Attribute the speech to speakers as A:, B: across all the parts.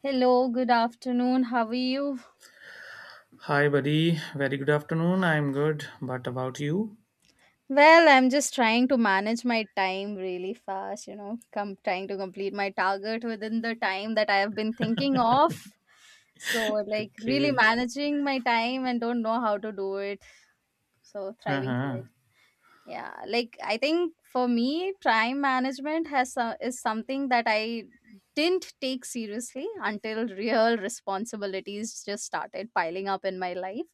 A: Hello, good afternoon. How are you?
B: Hi, buddy. Very good afternoon. I'm good. But about you?
A: Well, I'm just trying to manage my time really fast, come trying to complete my target within the time that I have been thinking of. So, like, really
B: Okay.
A: managing my time and don't know how to do it. So, thriving for it.
B: Uh-huh.
A: Yeah, like I think for me, time management is something that I didn't take seriously until real responsibilities just started piling up in my life.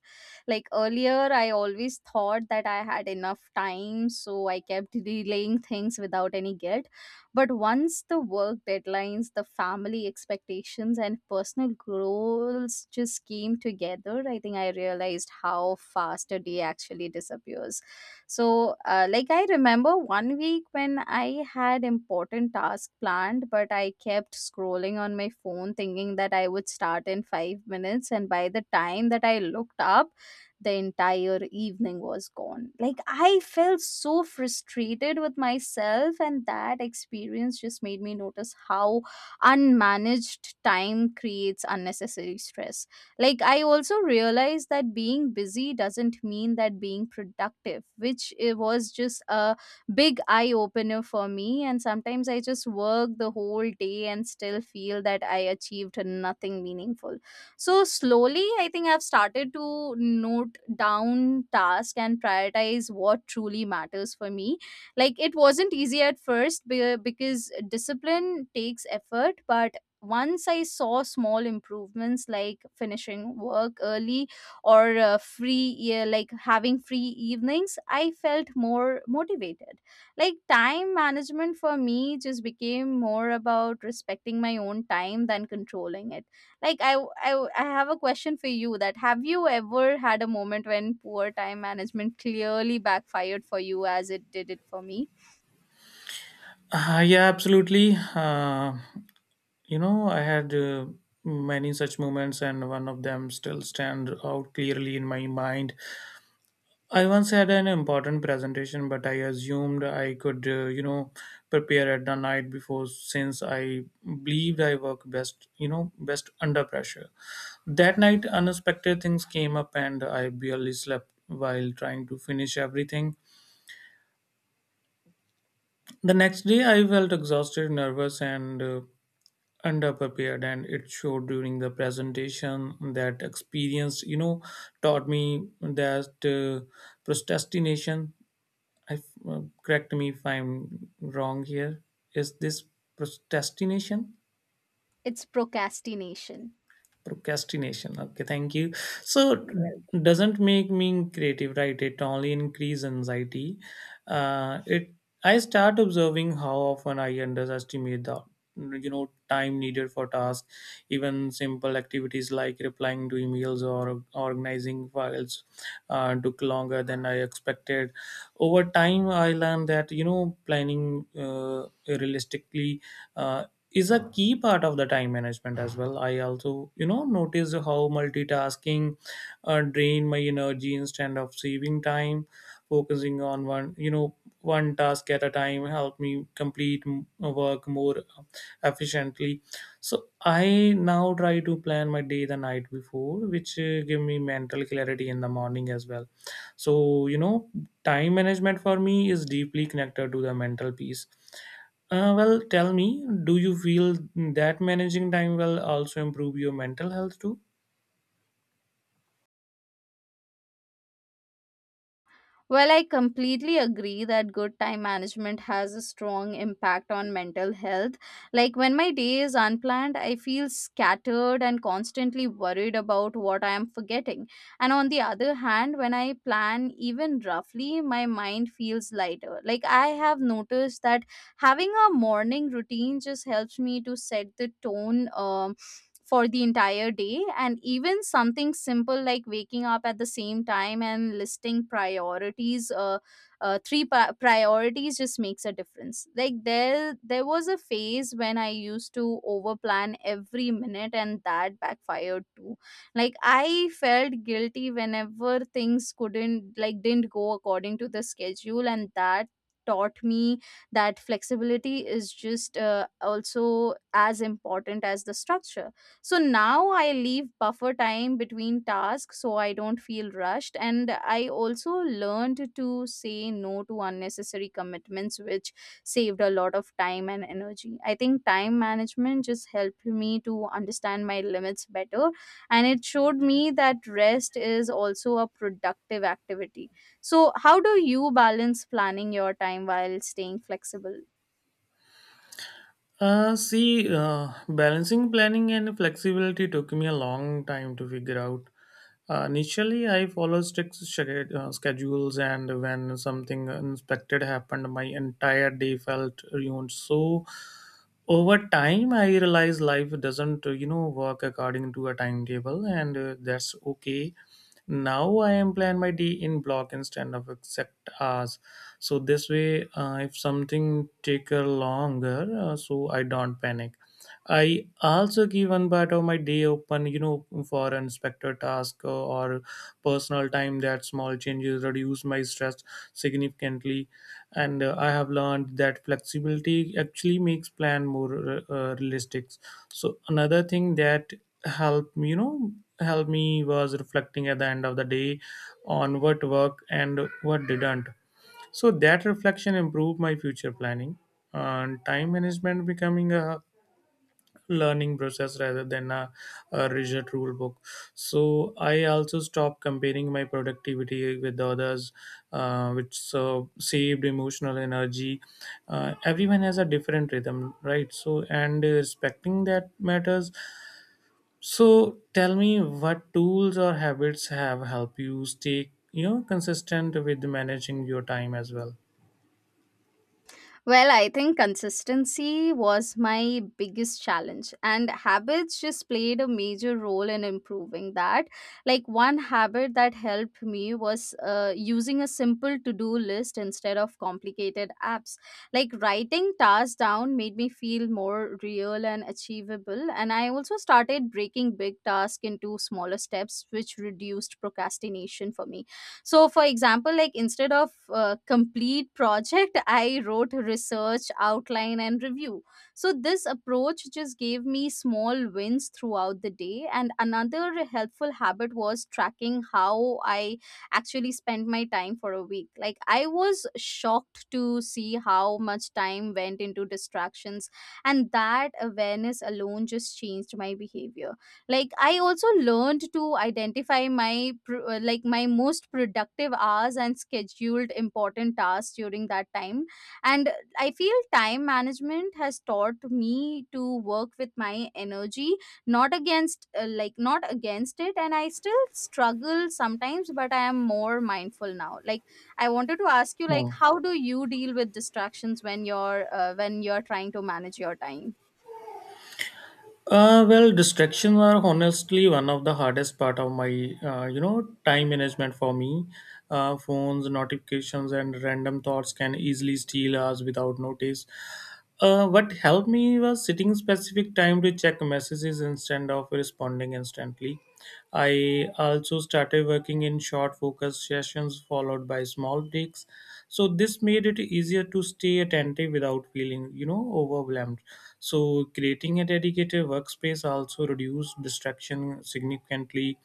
A: Like earlier, I always thought that I had enough time, so I kept delaying things without any guilt. But once the work deadlines, the family expectations, and personal goals just came together, I think I realized how fast a day actually disappears. So like, I remember one week when I had important task planned, but I kept scrolling on my phone thinking that I would start in 5 minutes, and by the time that I looked up the entire evening was gone. Like, I felt so frustrated with myself, and that experience just made me notice how unmanaged time creates unnecessary stress. Like, I also realized that being busy doesn't mean that being productive, which it was just a big eye opener for me. And sometimes I just work the whole day and still feel that I achieved nothing meaningful. So, slowly, I think I've started to note down tasks and prioritize what truly matters for me. Like, it wasn't easy at first because discipline takes effort, but once I saw small improvements like finishing work early or yeah, like having free evenings, I felt more motivated. Like, time management for me just became more about respecting my own time than controlling it. Like I have a question for you that have you ever had a moment when poor time management clearly backfired for you as it did it for me?
B: Yeah, absolutely. I had many such moments, and one of them still stand out clearly in my mind. I once had an important presentation, but I assumed I could, prepare at the night before, since I believed I work best, best under pressure. That night, unexpected things came up, and I barely slept while trying to finish everything. The next day, I felt exhausted, nervous, and underprepared, and it showed during the presentation. That experience, taught me that procrastination. I f- Correct me if I'm wrong here. Is this procrastination?
A: It's procrastination.
B: Procrastination, okay, thank you. So doesn't make me creative, right? It only increase anxiety. It I start observing how often I underestimate the time needed for tasks, even simple activities like replying to emails or organizing files took longer than I expected. Over time, I learned that planning realistically uh, is a key part of the time management as well. I also notice how multitasking drain my energy instead of saving time. Focusing on one one task at a time help me complete work more efficiently. So I now try to plan my day the night before, which give me mental clarity in the morning as well. So time management for me is deeply connected to the mental peace. Well, tell me, do you feel that managing time will also improve your mental health too?
A: Well, I completely agree that good time management has a strong impact on mental health. Like, when my day is unplanned, I feel scattered and constantly worried about what I am forgetting. And on the other hand, when I plan even roughly, my mind feels lighter. Like, I have noticed that having a morning routine just helps me to set the tone for the entire day, and even something simple like waking up at the same time and listing priorities, three priorities, just makes a difference. Like, there was a phase when I used to overplan every minute and that backfired too. Like, I felt guilty whenever things couldn't like didn't go according to the schedule, and that taught me that flexibility is just also as important as the structure. So now I leave buffer time between tasks so I don't feel rushed, and I also learned to say no to unnecessary commitments, which saved a lot of time and energy. I think time management just helped me to understand my limits better, and it showed me that rest is also a productive activity. So, how do you balance planning your time while staying flexible?
B: See, balancing planning and flexibility took me a long time to figure out. Initially, I follow schedules, and when something unexpected happened, my entire day felt ruined. So, over time, I realized life doesn't, work according to a timetable, and that's okay. Now I am plan my day in block instead of exact hours. So this way, if something take a longer, so I don't panic. I also give one part of my day open, for unexpected task or personal time. That small changes reduce my stress significantly, and I have learned that flexibility actually makes plan more realistic. So another thing that help you know help me was reflecting at the end of the day on what worked and what didn't. So that reflection improved my future planning, and time management becoming a learning process rather than a rigid rule book. So I also stopped comparing my productivity with others, which saved emotional energy. Everyone has a different rhythm, right? So and respecting that matters. So tell me, what tools or habits have helped you stay consistent with managing your time as well?
A: Well, I think consistency was my biggest challenge, and habits just played a major role in improving that. Like, one habit that helped me was using a simple to do list instead of complicated apps. Like, writing tasks down made me feel more real and achievable, and I also started breaking big tasks into smaller steps, which reduced procrastination for me. So, for example, like, instead of complete project I wrote research outline and review. So this approach just gave me small wins throughout the day, and another helpful habit was tracking how I actually spent my time for a week. Like, I was shocked to see how much time went into distractions, and that awareness alone just changed my behavior. Like, I also learned to identify my like, my most productive hours and scheduled important tasks during that time. And I feel time management has taught me to work with my energy, not against, like, not against it. And I still struggle sometimes, but I am more mindful now. Like, I wanted to ask you,
B: Hmm.
A: like, how do you deal with distractions when you're trying to manage your time?
B: Well, distractions are honestly one of the hardest part of my, time management for me. Phones, notifications, and random thoughts can easily steal us without notice. What helped me was setting specific time to check messages instead of responding instantly. I also started working in short focus sessions followed by small breaks. So this made it easier to stay attentive without feeling overwhelmed. So creating a dedicated workspace also reduced distraction significantly.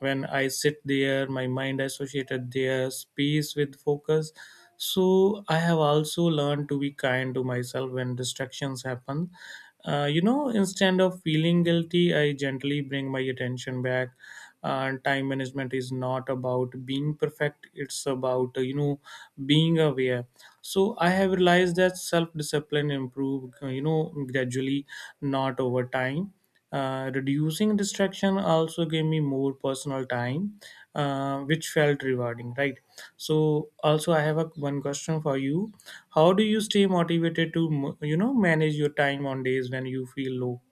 B: When I sit there, my mind associated their space with focus. So I have also learned to be kind to myself when distractions happen. Instead of feeling guilty, I gently bring my attention back. And time management is not about being perfect; it's about being aware. So I have realized that self discipline improve gradually, not over time. Reducing distraction also gave me more personal time, which felt rewarding, right? So, also, I have a one question for you. How do you stay motivated to, manage your time on days when you feel low?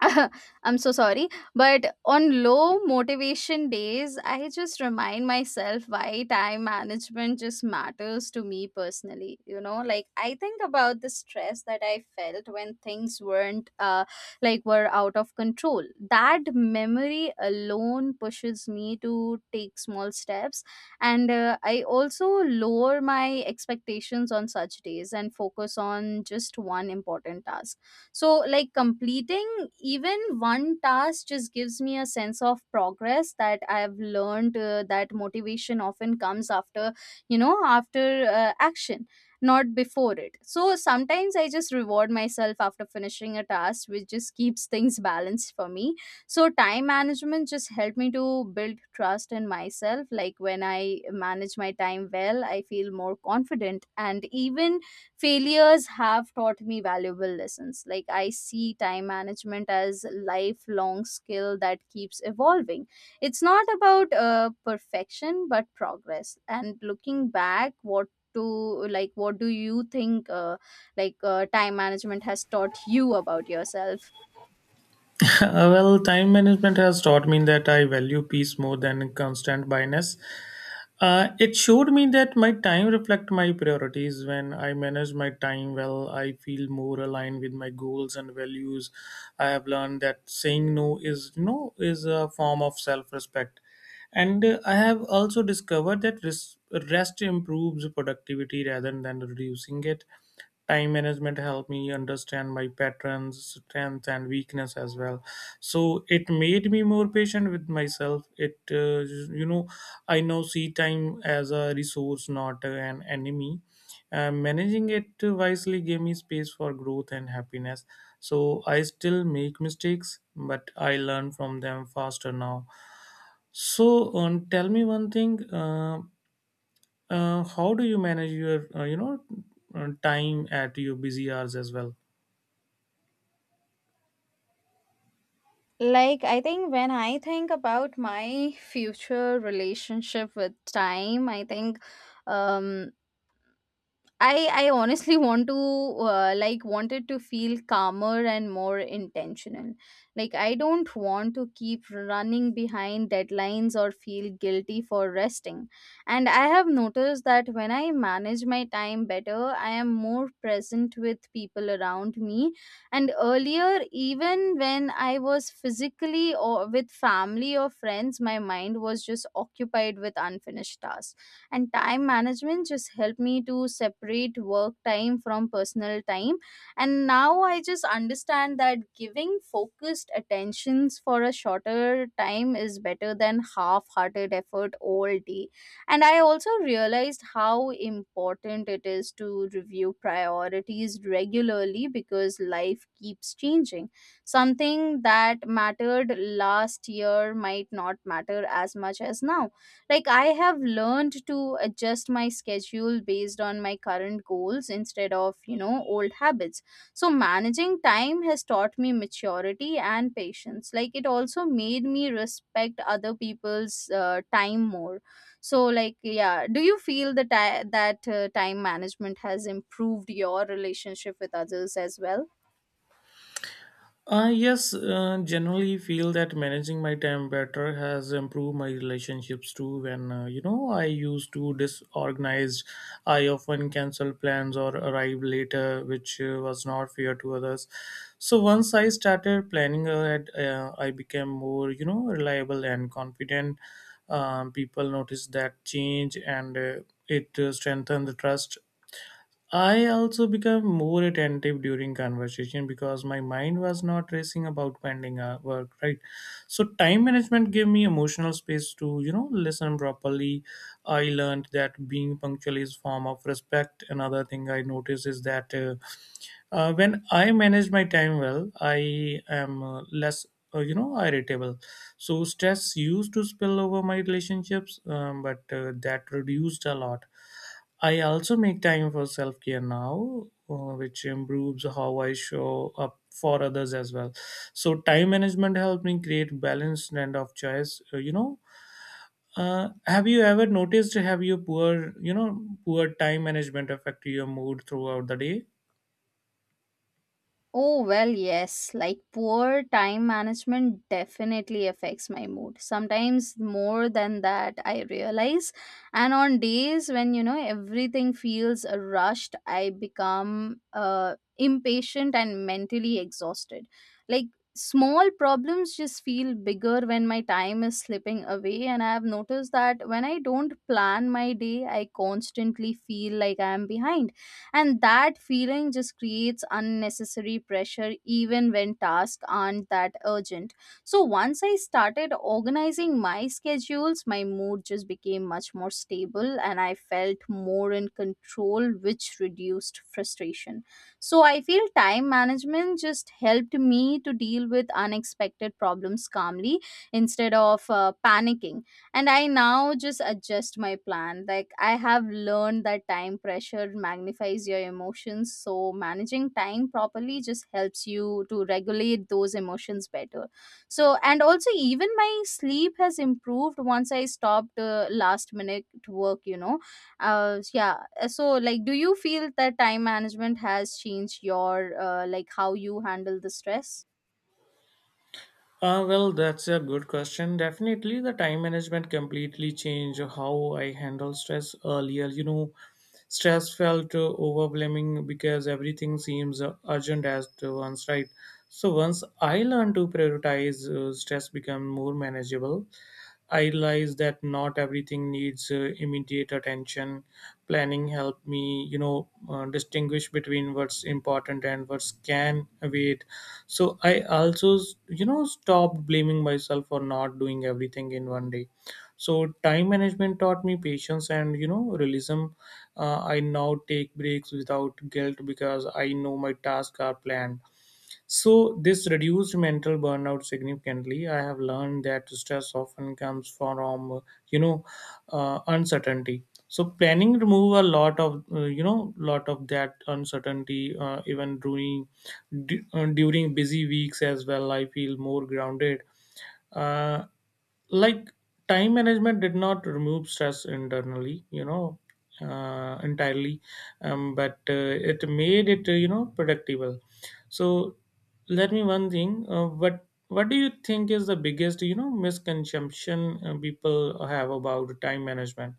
A: I'm so sorry. But on low motivation days, I just remind myself why time management just matters to me personally. You know, like, I think about the stress that I felt when things weren't like were out of control. That memory alone pushes me to take small steps. And I also lower my expectations on such days and focus on just one important task. So, like, completing even one task just gives me a sense of progress. That I have learned, that motivation often comes after you know after action, not before it. So sometimes I just reward myself after finishing a task, which just keeps things balanced for me. So time management just helped me to build trust in myself. Like, when I manage my time well, I feel more confident, and even failures have taught me valuable lessons. Like, I see time management as lifelong skill that keeps evolving. It's not about perfection but progress. And looking back, what to like, what do you think, time management has taught you about yourself?
B: Well, time management has taught me that I value peace more than constant busyness. It showed me that my time reflect my priorities. When I manage my time well, I feel more aligned with my goals and values. I have learned that saying no is is a form of self respect, and I have also discovered that rest improves productivity rather than reducing it. Time management helped me understand my patterns, strengths, and weakness as well. So it made me more patient with myself. It you know I now see time as a resource, not an enemy. Managing it wisely gave me space for growth and happiness. So I still make mistakes, but I learn from them faster now. So tell me one thing. How do you manage your, time at your busy hours as well?
A: Like, I think, when I think about my future relationship with time, I think, um I honestly wanted to feel calmer and more intentional. Like, I don't want to keep running behind deadlines or feel guilty for resting. And I have noticed that when I manage my time better, I am more present with people around me. And earlier, even when I was physically or with family or friends, my mind was just occupied with unfinished tasks, and time management just helped me to separate work time from personal time. And now I just understand that giving focused attentions for a shorter time is better than half-hearted effort all day. And I also realized how important it is to review priorities regularly because life keeps changing. Something that mattered last year might not matter as much as now. Like, I have learned to adjust my schedule based on my current goals instead of, you know, old habits. So managing time has taught me maturity and patience. Like, it also made me respect other people's time more. So, like, yeah, do you feel that time management has improved your relationship with others as well?
B: Yes, generally feel that managing my time better has improved my relationships too. When I used to disorganized, I often cancel plans or arrive later, which was not fair to others. So once I started planning ahead, I became more reliable and confident. People noticed that change, and it strengthened the trust. I also became more attentive during conversation because my mind was not racing about pending work, right? So time management gave me emotional space to, listen properly. I learned that being punctual is form of respect. Another thing I noticed is that when I manage my time well, I am less, irritable. So stress used to spill over my relationships, but that reduced a lot. I also make time for self care now, which improves how I show up for others as well. So, time management helped me create balanced and of choice. Have you ever noticed have your poor, poor time management affect your mood throughout the day?
A: Oh, well, yes. Like, poor time management definitely affects my mood, sometimes more than that, I realize. And on days when, you know, everything feels rushed, I become impatient and mentally exhausted. Like, small problems just feel bigger when my time is slipping away. And I have noticed that when I don't plan my day, I constantly feel like I am behind, and that feeling just creates unnecessary pressure even when tasks aren't that urgent. So once I started organizing my schedules, my mood just became much more stable, and I felt more in control, which reduced frustration. So I feel time management just helped me to deal with unexpected problems calmly, instead of panicking. And I now just adjust my plan. Like, I have learned that time pressure magnifies your emotions, so managing time properly just helps you to regulate those emotions better. So, and also, even my sleep has improved once I stopped, last minute work. Yeah, so, like, do you feel that time management has changed your, like, how you handle the stress?
B: Well, that's a good question. Definitely, the time management completely changed how I handle stress earlier. You know, stress felt overwhelming because everything seems urgent as to once, right? So once I learned to prioritize, stress become more manageable. I realized that not everything needs immediate attention. Planning helped me, distinguish between what's important and what's can wait. So I also, stopped blaming myself for not doing everything in one day. So time management taught me patience and, realism. I now take breaks without guilt because I know my tasks are planned. So, this reduced mental burnout significantly. I have learned that stress often comes from, you know, uncertainty. So, planning remove a lot of, lot of that uncertainty. Even during busy weeks as well, I feel more grounded. Uh, like time management did not remove stress internally, entirely, but it made it predictable. So let me one thing. What do you think is the biggest, misconception people have about time management?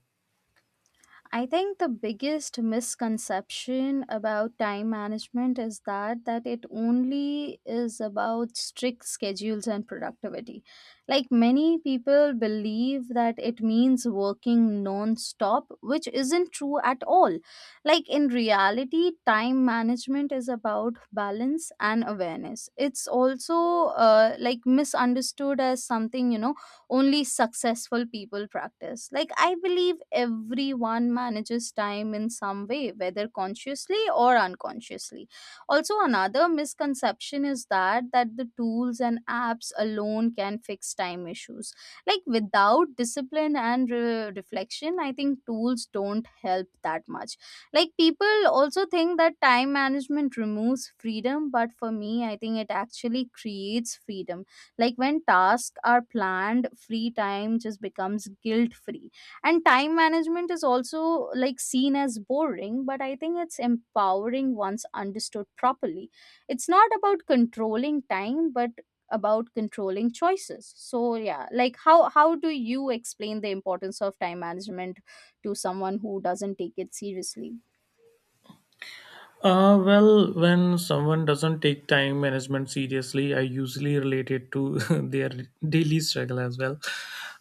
A: I think the biggest misconception about time management is that it only is about strict schedules and productivity. Like, many people believe that it means working non-stop, which isn't true at all. Like, in reality, time management is about balance and awareness. It's also, like, misunderstood as something, you know, only successful people practice. Like, I believe everyone manages time in some way, whether consciously or unconsciously. Also, another misconception is that the tools and apps alone can fix time issues. Like, without discipline and reflection, I think tools don't help that much. Like, people also think that time management removes freedom, but for me, I think it actually creates freedom. Like, when tasks are planned, free time just becomes guilt free. And time management is also, like, seen as boring, but I think it's empowering once understood properly. It's not about controlling time, but about controlling choices. So, yeah, like, how do you explain the importance of time management to someone who doesn't take it seriously?
B: Well, when someone doesn't take time management seriously, I usually relate it to their daily struggle as well.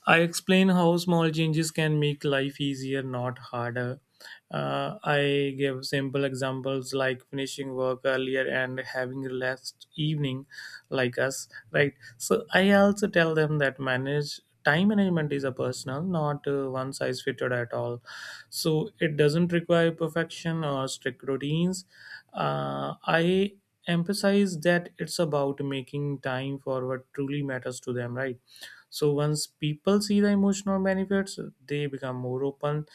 B: I explain how small changes can make life easier, not harder. I give simple examples like finishing work earlier and having relaxed evening, like us, right? So I also tell them that manage time management is a personal, not one size fitted at all. So it doesn't require perfection or strict routines. I emphasize that it's about making time for what truly matters to them, right? So once people see the emotional benefits, they become more open.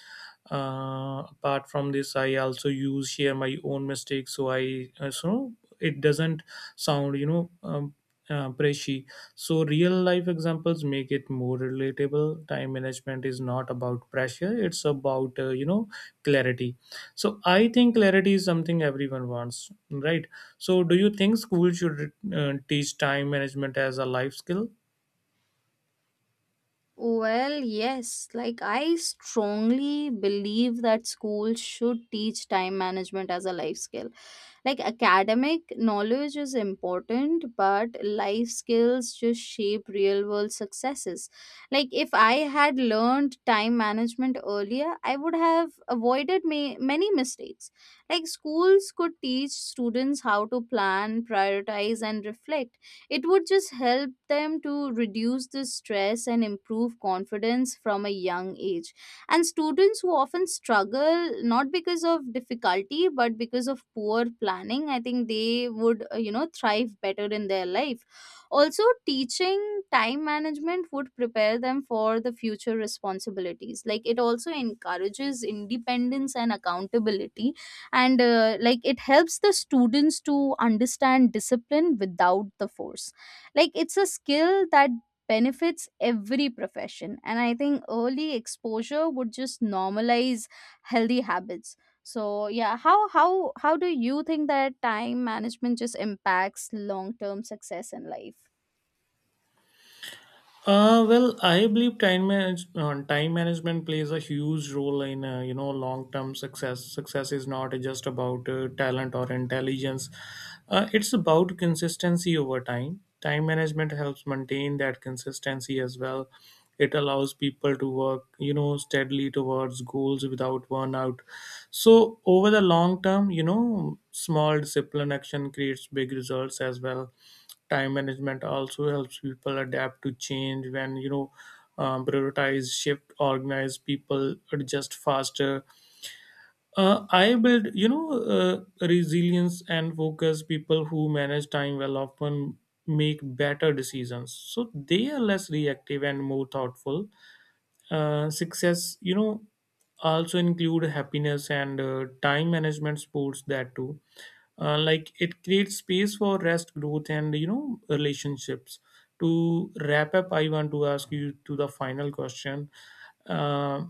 B: Apart from this, I also use share my own mistakes, so I so it doesn't sound, preachy. So real life examples make it more relatable. Time management is not about pressure, it's about clarity. So I think clarity is something everyone wants, right? So do you think school should teach time management as a life skill?
A: Well, yes. Like, I strongly believe that schools should teach time management as a life skill. Like, academic knowledge is important, but life skills just shape real world successes. Like if I had learned time management earlier, I would have avoided many mistakes. Like schools could teach students how to plan, prioritize, and reflect. It would just help them to reduce the stress and improve confidence from a young age, and students who often struggle not because of difficulty but because of poor planning, I think they would thrive better in their life. Also, teaching time management would prepare them for the future responsibilities. Like, it also encourages independence and accountability, and like, it helps the students to understand discipline without the force. Like, it's a skill that benefits every profession, and I think early exposure would just normalize healthy habits. So yeah, how do you think that time management just impacts long term success in life?
B: Well, I believe time management plays a huge role in long term success. Success is not just about talent or intelligence; it's about consistency over time. Time management helps maintain that consistency as well. It allows people to work steadily towards goals without burnout. So over the long term, small discipline action creates big results as well. Time management also helps people adapt to change. When prioritize shift, organize people adjust faster. I build you know Resilience and focus, people who manage time well often make better decisions, so they are less reactive and more thoughtful. Success, also include happiness, and time management sports that too. Like it creates space for rest, growth, and relationships. To wrap up, I want to ask you to the final question. Uh,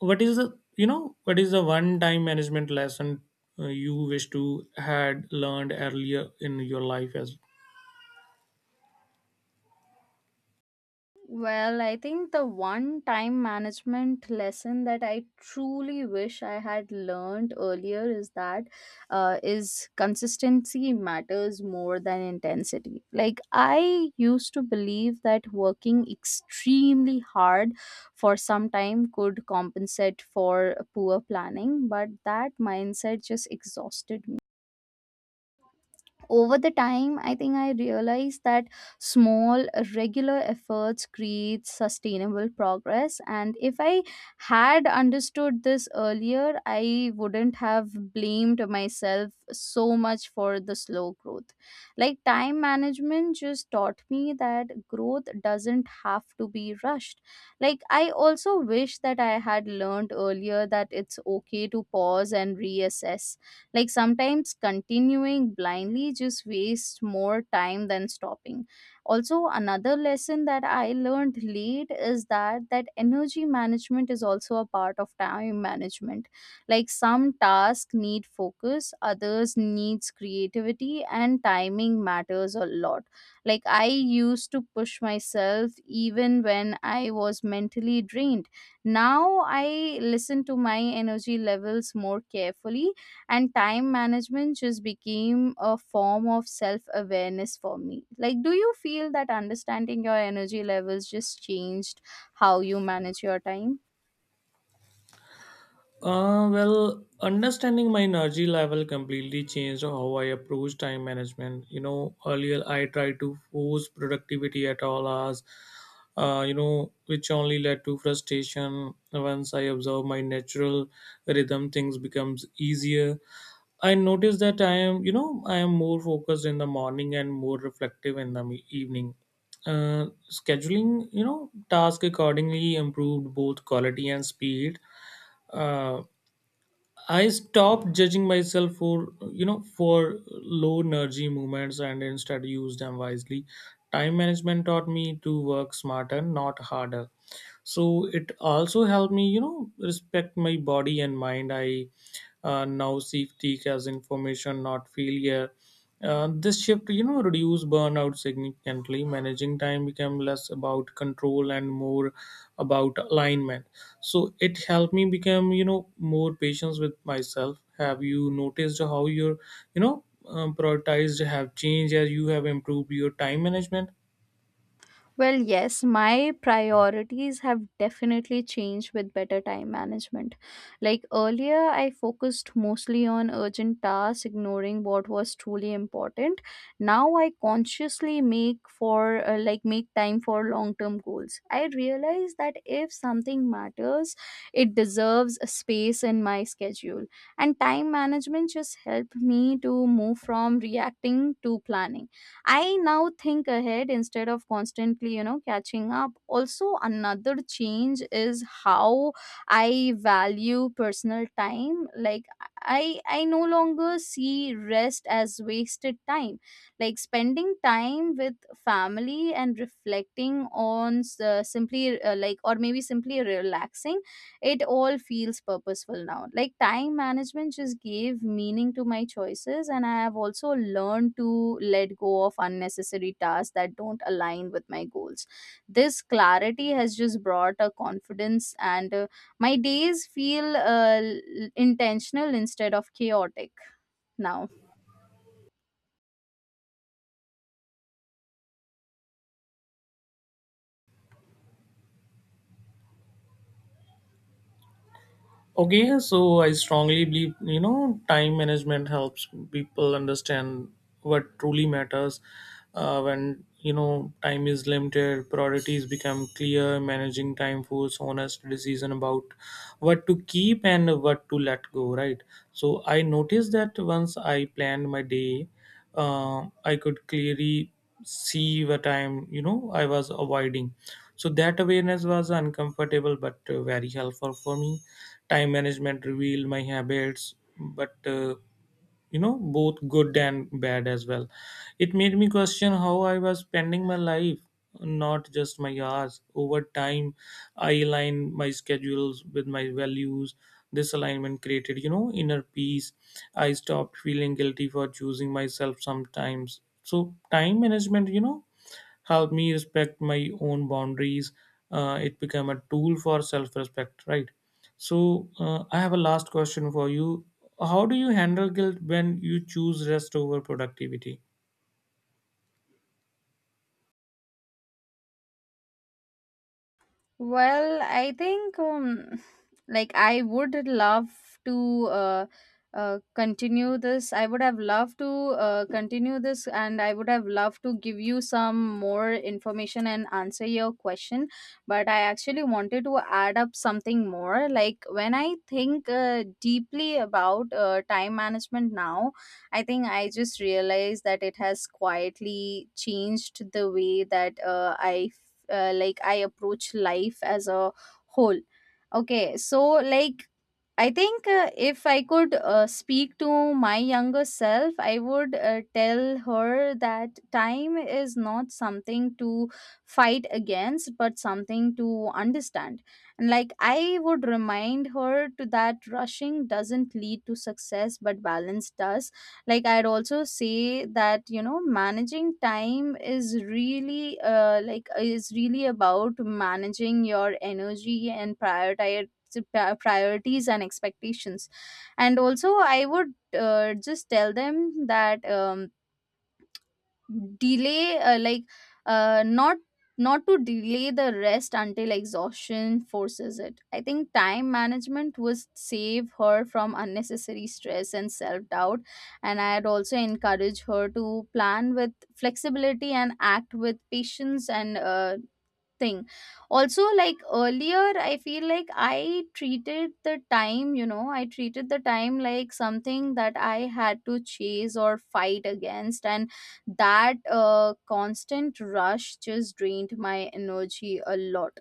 B: what is the you know what is the one time management lesson you wish to had learned earlier in your life as.
A: Well, I think the one time management lesson that I truly wish I had learned earlier is that is consistency matters more than intensity. Like, I used to believe that working extremely hard for some time could compensate for poor planning, but that mindset just exhausted me. Over the time, I think I realized that small regular efforts create sustainable progress, and if I had understood this earlier, I wouldn't have blamed myself so much for the slow growth. Like, time management just taught me that growth doesn't have to be rushed. Like, I also wish that I had learned earlier that it's okay to pause and reassess. Like, sometimes continuing blindly just wastes more time than stopping. Also, another lesson that I learned late is that energy management is also a part of time management. Like, some tasks need focus, others needs creativity, and timing matters a lot. Like, I used to push myself even when I was mentally drained. Now I listen to my energy levels more carefully, and time management just became a form of self awareness for me. Like, do you feel that understanding your energy levels just changed how you manage your time?
B: Well, understanding my energy level completely changed how I approach time management. You know, earlier I tried to force productivity at all hours, which only led to frustration. Once I observe my natural rhythm, things becomes easier. I noticed that I am more focused in the morning and more reflective in the evening. Scheduling, task accordingly improved both quality and speed. Uh, I stopped judging myself for for low energy movements and instead used them wisely. Time management taught me to work smarter, not harder. So it also helped me, respect my body and mind. I Now see fatigue as information, not failure. This shift, reduced burnout significantly. Managing time became less about control and more about alignment. So it helped me become, more patient with myself. Have you noticed how your, prioritized have changed as you have improved your time management?
A: Well, yes, my priorities have definitely changed with better time management. Like earlier, I focused mostly on urgent tasks, ignoring what was truly important. Now I consciously make time for long-term goals. I realize that if something matters, it deserves a space in my schedule. And time management just helped me to move from reacting to planning. I now think ahead instead of constantly, you know, catching up. Also, another change is how I value personal time. Like, I no longer see rest as wasted time. Like, spending time with family and reflecting on s- simply like or maybe simply relaxing, it all feels purposeful now. Like, time management just gave meaning to my choices, and I have also learned to let go of unnecessary tasks that don't align with my goals. This clarity has just brought a confidence, and my days feel intentional instead of chaotic now.
B: Okay, so I strongly believe, time management helps people understand what truly matters. When time is limited, priorities become clear. Managing time forces honest decision about what to keep and what to let go. Right. So I noticed that once I planned my day, I could clearly see what time, I was avoiding. So that awareness was uncomfortable, but very helpful for me. Time management revealed my habits, but both good and bad as well. It made me question how I was spending my life, not just my hours. Over time, I aligned my schedules with my values. This alignment created, inner peace. I stopped feeling guilty for choosing myself sometimes. So time management, helped me respect my own boundaries. It became a tool for self respect, right? So, I have a last question for you. How do you handle guilt when you choose rest over productivity?
A: Well, I think like, I would love to continue this. I would have loved to continue this, and I would have loved to give you some more information and answer your question. But I actually wanted to add up something more. Like, when I think deeply about time management now, I think I just realized that it has quietly changed the way that I approach life as a whole. Okay, so like, I think if I could speak to my younger self, I would tell her that time is not something to fight against, but something to understand. And like, I would remind her to that rushing doesn't lead to success, but balance does. Like, I'd also say that, you know, managing time is really like is really about managing your energy and priorities and expectations. And also, I would just tell them that delay like not not to delay the rest until exhaustion forces it. I think time management would save her from unnecessary stress and self doubt, and I'd also encourage her to plan with flexibility and act with patience and thing also, like earlier, I feel like I treated the time like something that I had to chase or fight against, and that constant rush just drained my energy a lot.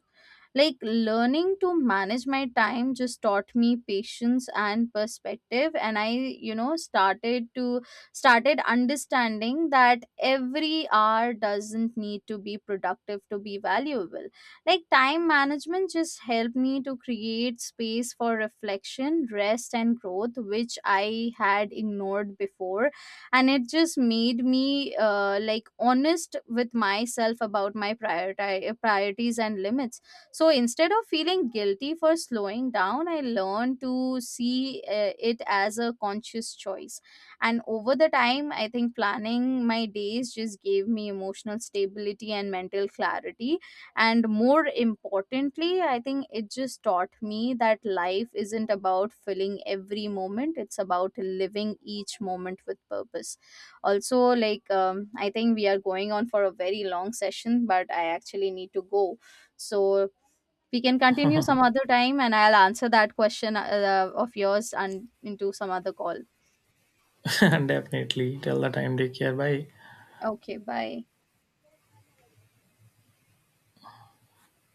A: Like, learning to manage my time just taught me patience and perspective, and I, you know, started understanding that every hour doesn't need to be productive to be valuable. Like, time management just helped me to create space for reflection, rest and growth, which I had ignored before, and it just made me honest with myself about my priority priorities and limits. So instead of feeling guilty for slowing down, I learned to see it as a conscious choice. And over the time, I think planning my days just gave me emotional stability and mental clarity. And more importantly, I think it just taught me that life isn't about filling every moment, it's about living each moment with purpose. Also, like, I think we are going on for a very long session, but I actually need to go. So, we can continue some other time and I'll answer that question of yours and into some other call.
B: Definitely. Till the time, take care. Bye.
A: Okay, bye.